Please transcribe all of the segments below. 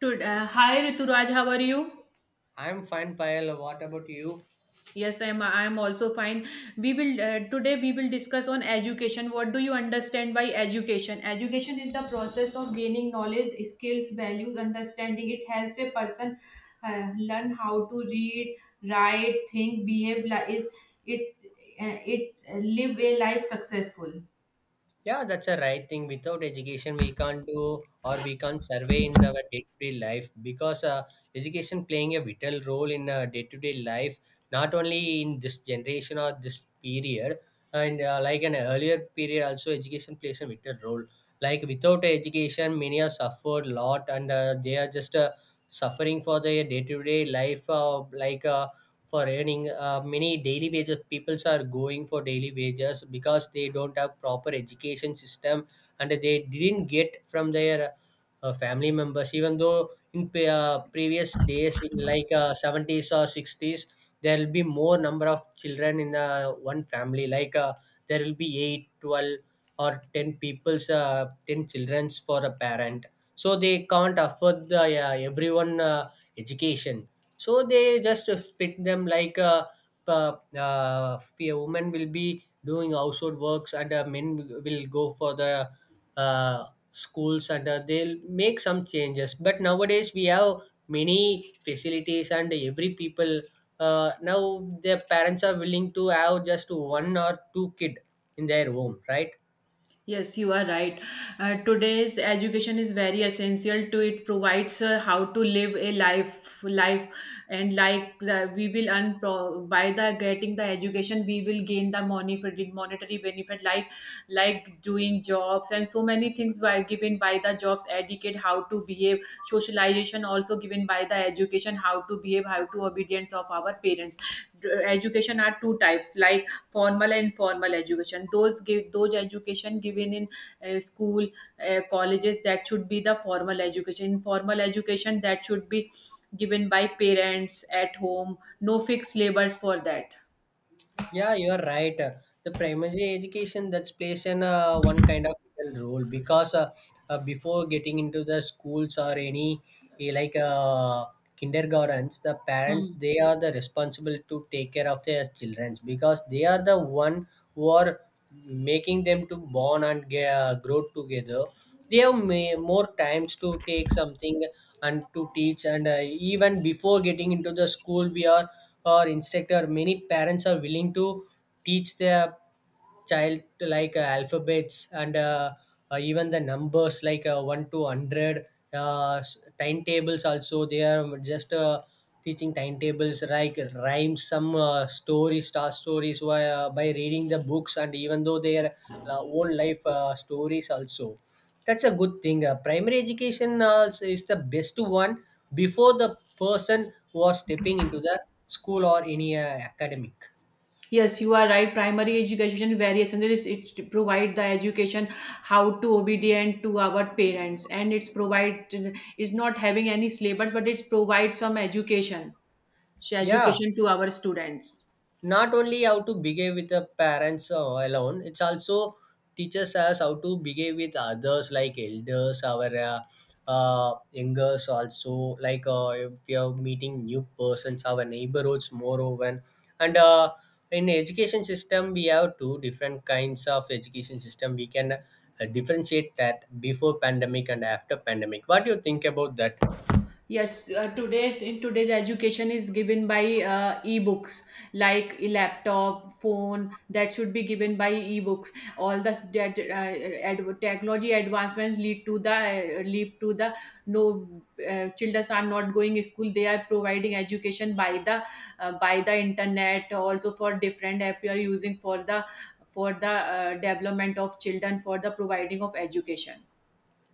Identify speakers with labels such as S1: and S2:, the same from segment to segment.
S1: Good. Hi Rituraj, how are you?
S2: I'm fine, Payal. What about you?
S1: Yes, I am. I am also fine. We will today we will discuss on education. What do you understand by education? Education is the process of gaining knowledge, skills, values, understanding. It helps a person learn how to read, write, think, behave. Is it live a life successful.
S2: Yeah, that's a right thing. Without education, we can't do or we can't survey in our day-to-day life because education playing a vital role in day-to-day life, not only in this generation or this period, and like an earlier period, also education plays a vital role. Like without education, many are suffered lot, and they are just suffering for their day-to-day life, like. For earning many daily wages peoples are going for daily wages because they don't have proper education system and they didn't get from their family members, even though in previous days in like 70s or 60s there will be more number of children in one family, like there will be 8, 12, or 10 people's 10 children's for a parent, so they can't afford the everyone education, so they just fit them like a woman will be doing household works and men will go for the uh, schools, and they'll make some changes, but nowadays we have many facilities and every people now their parents are willing to have just one or two kid in their home, right?
S1: Yes, you are right. Today's education is very essential to it provides how to live a life, and like the, we will earn by the getting the education we will gain the monetary benefit, like doing jobs, and so many things were given by the jobs educate how to behave. Socialization also given by the education, how to behave, how to obedience of our parents. Education are two types, like formal and informal education. Those give those education given in school, colleges, that should be the formal education. Informal education that should be given by parents at home, no fixed labors for that.
S2: Yeah, you are right. The primary education that's plays in one kind of little role, because before getting into the schools or any like kindergartens, the parents
S1: Hmm.
S2: they are the responsible to take care of their children, because they are the one who are making them to born and grow together, they have may, more times to take something and to teach, and even before getting into the school we are our instructor, many parents are willing to teach their child like alphabets, and even the numbers like 1 to 100, timetables also they are just teaching timetables like rhymes, some stories, star stories by reading the books, and even though their own life stories also. That's a good thing. Primary education is the best one before the person was stepping into the school or any academic.
S1: Yes, you are right. Primary education very essential. It's to provide the education how to obedient to our parents, and it's provide it's not having any syllabus, but it's provide some education,
S2: Yeah,
S1: education to our students.
S2: not only how to behave with the parents alone, it's also teaches us how to behave with others like elders, our youngers also, like if we are meeting new persons, our neighborhoods more open, and in education system we have two different kinds of education system, we can differentiate that before pandemic and after pandemic. What do you think about that?
S1: Yes, today's in today's education is given by e-books, like a laptop, phone, that should be given by e-books. All the that, technology advancements lead to the no children are not going school. They are providing education by the internet. Also for different app you are using for the development of children for the providing of education.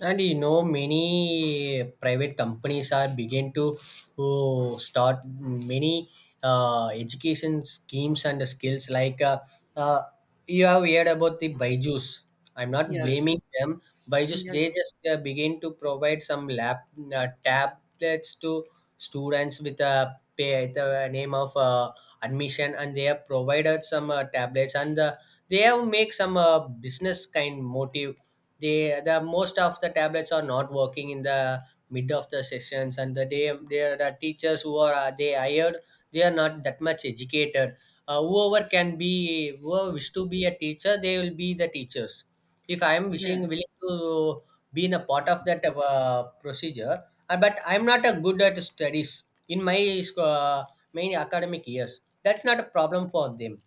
S2: And you know, many private companies are begin to oh, start many education schemes and skills, like uh, you have heard about the byju's. I'm not
S1: Yes.
S2: blaming them. Byju's, they
S1: Yes.
S2: just begin to provide some lap tablets to students with a pay, the name of admission, and they have provided some tablets, and they have make some business kind motive. They, the most of the tablets are not working in the mid of the sessions, and they are the teachers who are they hired, they are not that much educated. Whoever can be, whoever wish to be a teacher, they will be the teachers. If I am wishing
S1: Yeah.
S2: willing to be in a part of that procedure, but I'm not a good at studies in my main academic years, that's not a problem for them.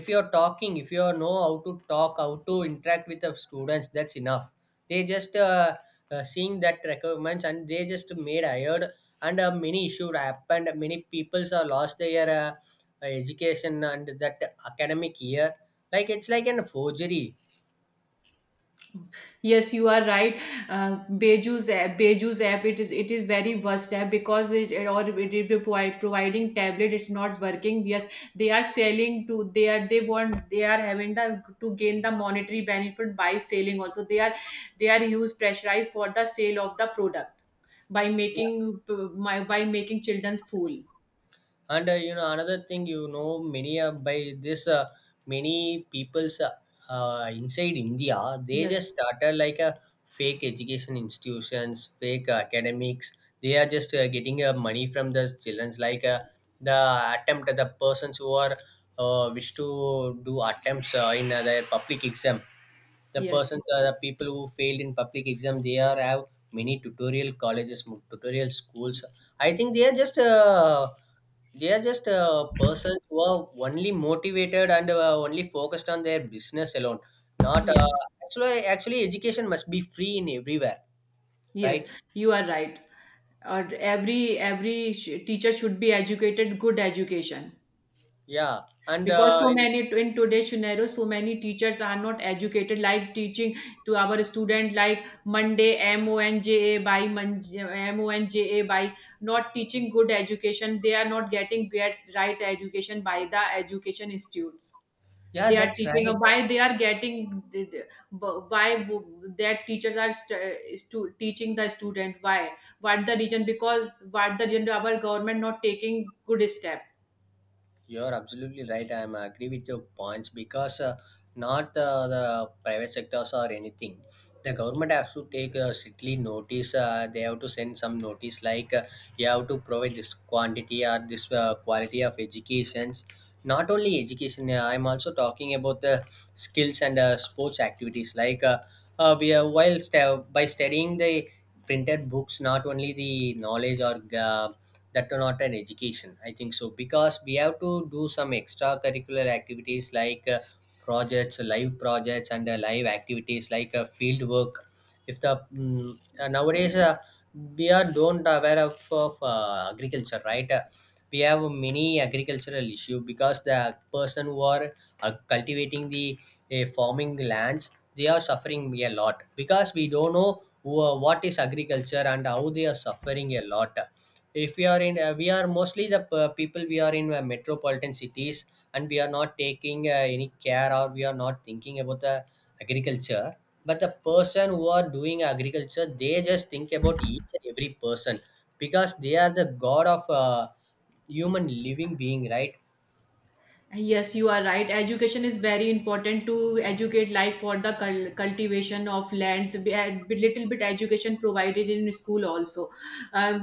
S2: If you're talking, if you know how to talk, how to interact with the students, that's enough. They just seeing that requirements, and they just made hired, and many issues happened, many peoples are lost their education and that academic year, like it's like an forgery.
S1: Yes, you are right. Beju's app, it is very worst app because it providing tablet. It's not working. Yes, they are selling to they are they want they are having the to gain the monetary benefit by selling. Also, they are use pressurized for the sale of the product by making my by making children's fool.
S2: And you know, another thing, you know, many by this many people's inside india, they
S1: Yes,
S2: just started like a fake education institutions, fake academics. They are just getting money from the children's, like the attempt, the persons who are wish to do attempts in their public exam, the
S1: yes,
S2: persons are the people who failed in public exam, they are have many tutorial colleges, tutorial schools. I think they are just persons who are only motivated and only focused on their business alone, not
S1: yes.
S2: actually, education must be free in everywhere,
S1: Yes,
S2: right?
S1: you are right. Or every every teacher should be educated, good education.
S2: Yeah, and
S1: Because
S2: uh,
S1: so many in today's scenario, so many teachers are not educated. Like teaching to our student, like Monday M O N J A by M O N J A by not teaching good education. They are not getting get right education by the education institutes.
S2: yeah,
S1: They are
S2: that's
S1: teaching
S2: right.
S1: why they are getting why their teachers are teaching the student why, what the reason, because what the reason our government not taking good step.
S2: You're absolutely right. I'm agree with your points, because not the private sectors or anything. The government has to take strictly notice. They have to send some notice, like you have to provide this quantity or this quality of educations. Not only education, I'm also talking about the skills and sports activities. Like we are while by studying the printed books, not only the knowledge or that are not an education, I think so. Because we have to do some extracurricular activities like projects, live projects, and live activities like field work. If the nowadays we are don't aware of agriculture, right? We have many agricultural issue, because the person who are cultivating the farming lands, they are suffering a lot, because we don't know what is agriculture and how they are suffering a lot. If we are in we are mostly the people, we are in metropolitan cities, and we are not taking any care, or we are not thinking about the agriculture. But the person who are doing agriculture, they just think about each and every person, because they are the god of human living being, right?
S1: Yes, you are right. Education is very important to educate, like for the cultivation of lands. A little bit education provided in school also. Uh,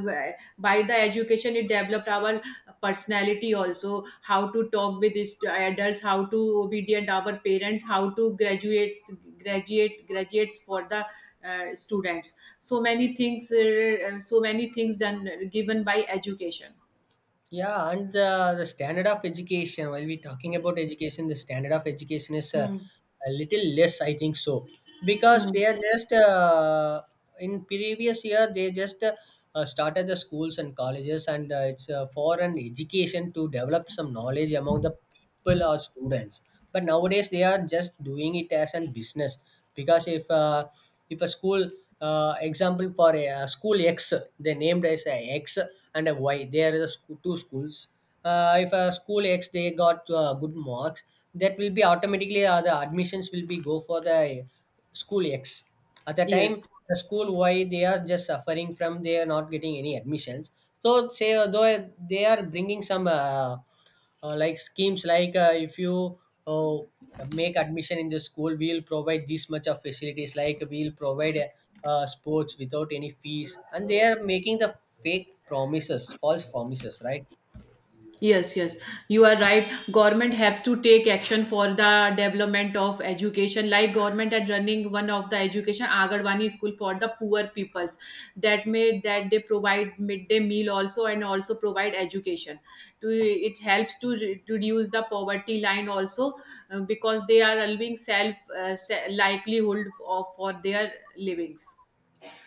S1: by the education, it developed our personality also. How to talk with adults, how to obedient our parents, how to graduate, graduate, graduates for the students. So many things done given by education.
S2: Yeah, and the standard of education, while we're talking about education, the standard of education is
S1: Hmm.
S2: a little less, I think so, because
S1: Hmm.
S2: they are just in previous year they just started the schools and colleges, and it's for an education to develop some knowledge among the people or students. But nowadays they are just doing it as a business. Because if a school, example for a, school x, they named as a x, and a y, there are the two schools. If a school x they got good marks, that will be automatically the admissions will be go for the school x. At the
S1: Yes.
S2: time the school Y, they are just suffering from, they are not getting any admissions. So say though they are bringing some like schemes, like if you uh, make admission in the school, we'll provide this much of facilities, like we'll provide sports without any fees, and they are making the fake promises, false promises, right?
S1: Yes, yes, you are right. Government has to take action for the development of education. Like government are running one of the education Agarwani school for the poor peoples. That made that they provide midday meal also and also provide education. To it helps to to reduce the poverty line also, because they are allowing self likelihood of for their livings.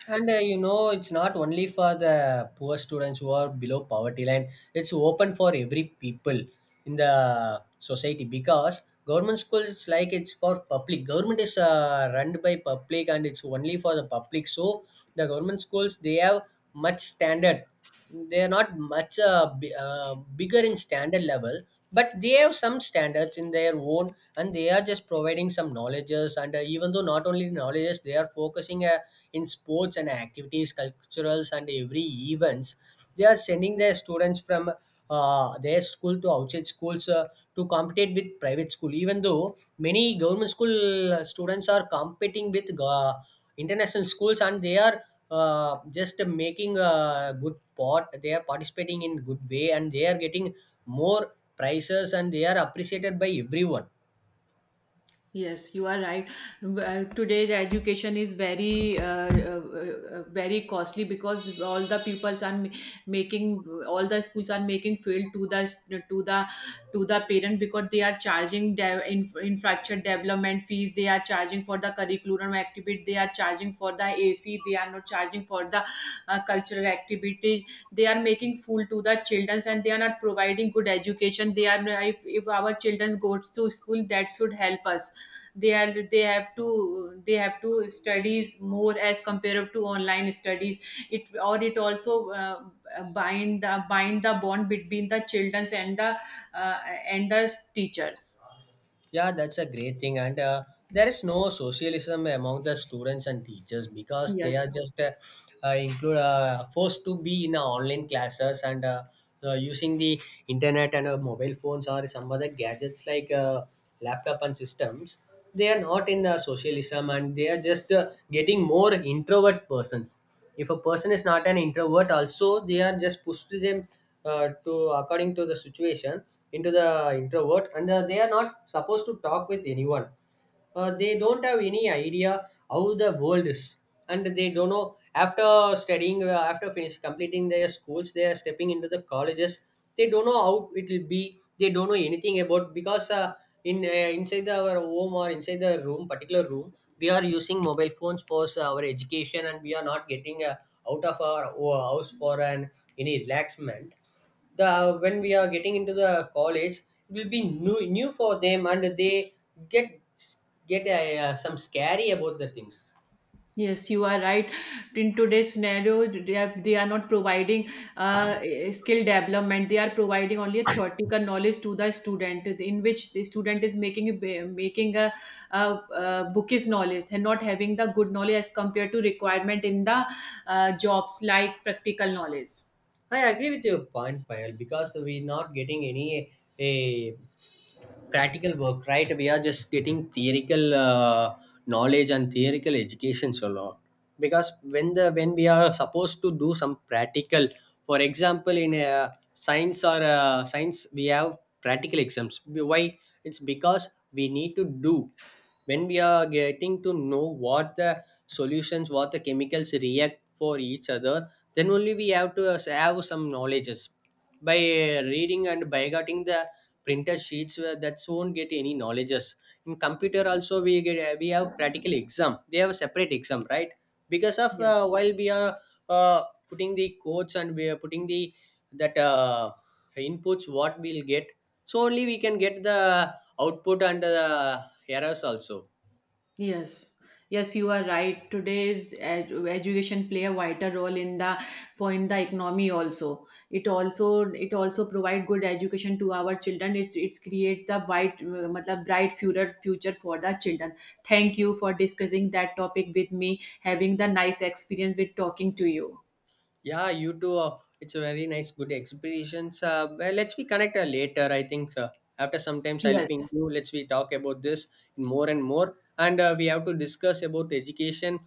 S2: And you know, it's not only for the poor students who are below poverty line. It's open for every people in the society, because government school is like it's for public. Government is run by public and it's only for the public. So the government schools, they have much standard. They're not much bigger in standard level, but they have some standards in their own, and they are just providing some knowledges. And even though not only knowledges, they are focusing in sports and activities, culturals, and every events. They are sending their students from their school to outside schools to compete with private school. Even though many government school students are competing with international schools, and they are just making a good pot, they are participating in good way, and they are getting more prizes, and they are appreciated by everyone.
S1: Yes, you are right. Today, the education is very, very costly because all the pupils are making, all the schools are making fail to the to the to the parent because they are charging in, infrastructure development fees. They are charging for the curriculum activity. They are charging for the AC. They are not charging for the cultural activities. They are making fool to the children and they are not providing good education. They are if our children goes to school that should help us. They are they have to studies more as compared to online studies. It or it also bind the bond between the children uh, and the teachers.
S2: Yeah, that's a great thing. And there is no socialism among the students and teachers, because they are
S1: Yes.
S2: just include, forced to be in online classes, and using the internet and mobile phones or some other gadgets like laptop and systems. They are not in socialism, and they are just getting more introvert persons. If a person is not an introvert also, they are just pushed them to according to the situation into the introvert, and they are not supposed to talk with anyone. They don't have any idea how the world is, and they don't know, after studying after finish completing their schools, they are stepping into the colleges, they don't know how it will be, they don't know anything about. Because in inside our home, or inside the room, particular room, we are using mobile phones for our education, and we are not getting out of our house for an any relaxment. The when we are getting into the college, it will be new for them, and they get get some scary about the things.
S1: Yes, you are right. In today's scenario, they are not providing uh, skill development. They are providing only a theoretical knowledge to the student, in which the student is making a, making a, bookish knowledge and not having the good knowledge as compared to requirement in the jobs like practical knowledge.
S2: I agree with your point, Payal, because we're not getting any a practical work, right? We are just getting theoretical knowledge and theoretical educations a lot. Because when the when we are supposed to do some practical, for example, in a science, or a science, we have practical exams. Why? It's because we need to do when we are getting to know what the solutions, what the chemicals react for each other, then only we have to have some knowledges, by reading and by getting the printer sheets, where that won't get any knowledges. In computer also we get we have practical exam, we have a separate exam, right? Because of
S1: Yes.
S2: while we are uh, putting the codes, and we are putting the that inputs what we'll get, so only we can get the output and the errors also.
S1: Yes, yes, you are right. Today's education play a vital role in the for in the economy also. It also it also provide good education to our children. It's create the white, matlab, bright future for the children. Thank you for discussing that topic with me. Having the nice experience with talking to you.
S2: Yeah, you too. It's a very nice, good experience. Well, let's be connect later. I think after sometimes I'll ping
S1: Yes,
S2: you. Let's we talk about this more and more, and we have to discuss about education,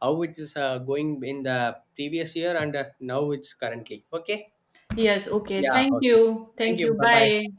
S2: how it is going in the previous year and now it's currently. Okay.
S1: yes. Okay.
S2: Yeah.
S1: Thank
S2: Okay.
S1: you.
S2: Thank
S1: Thank
S2: you.
S1: you.
S2: Bye
S1: Bye.
S2: bye.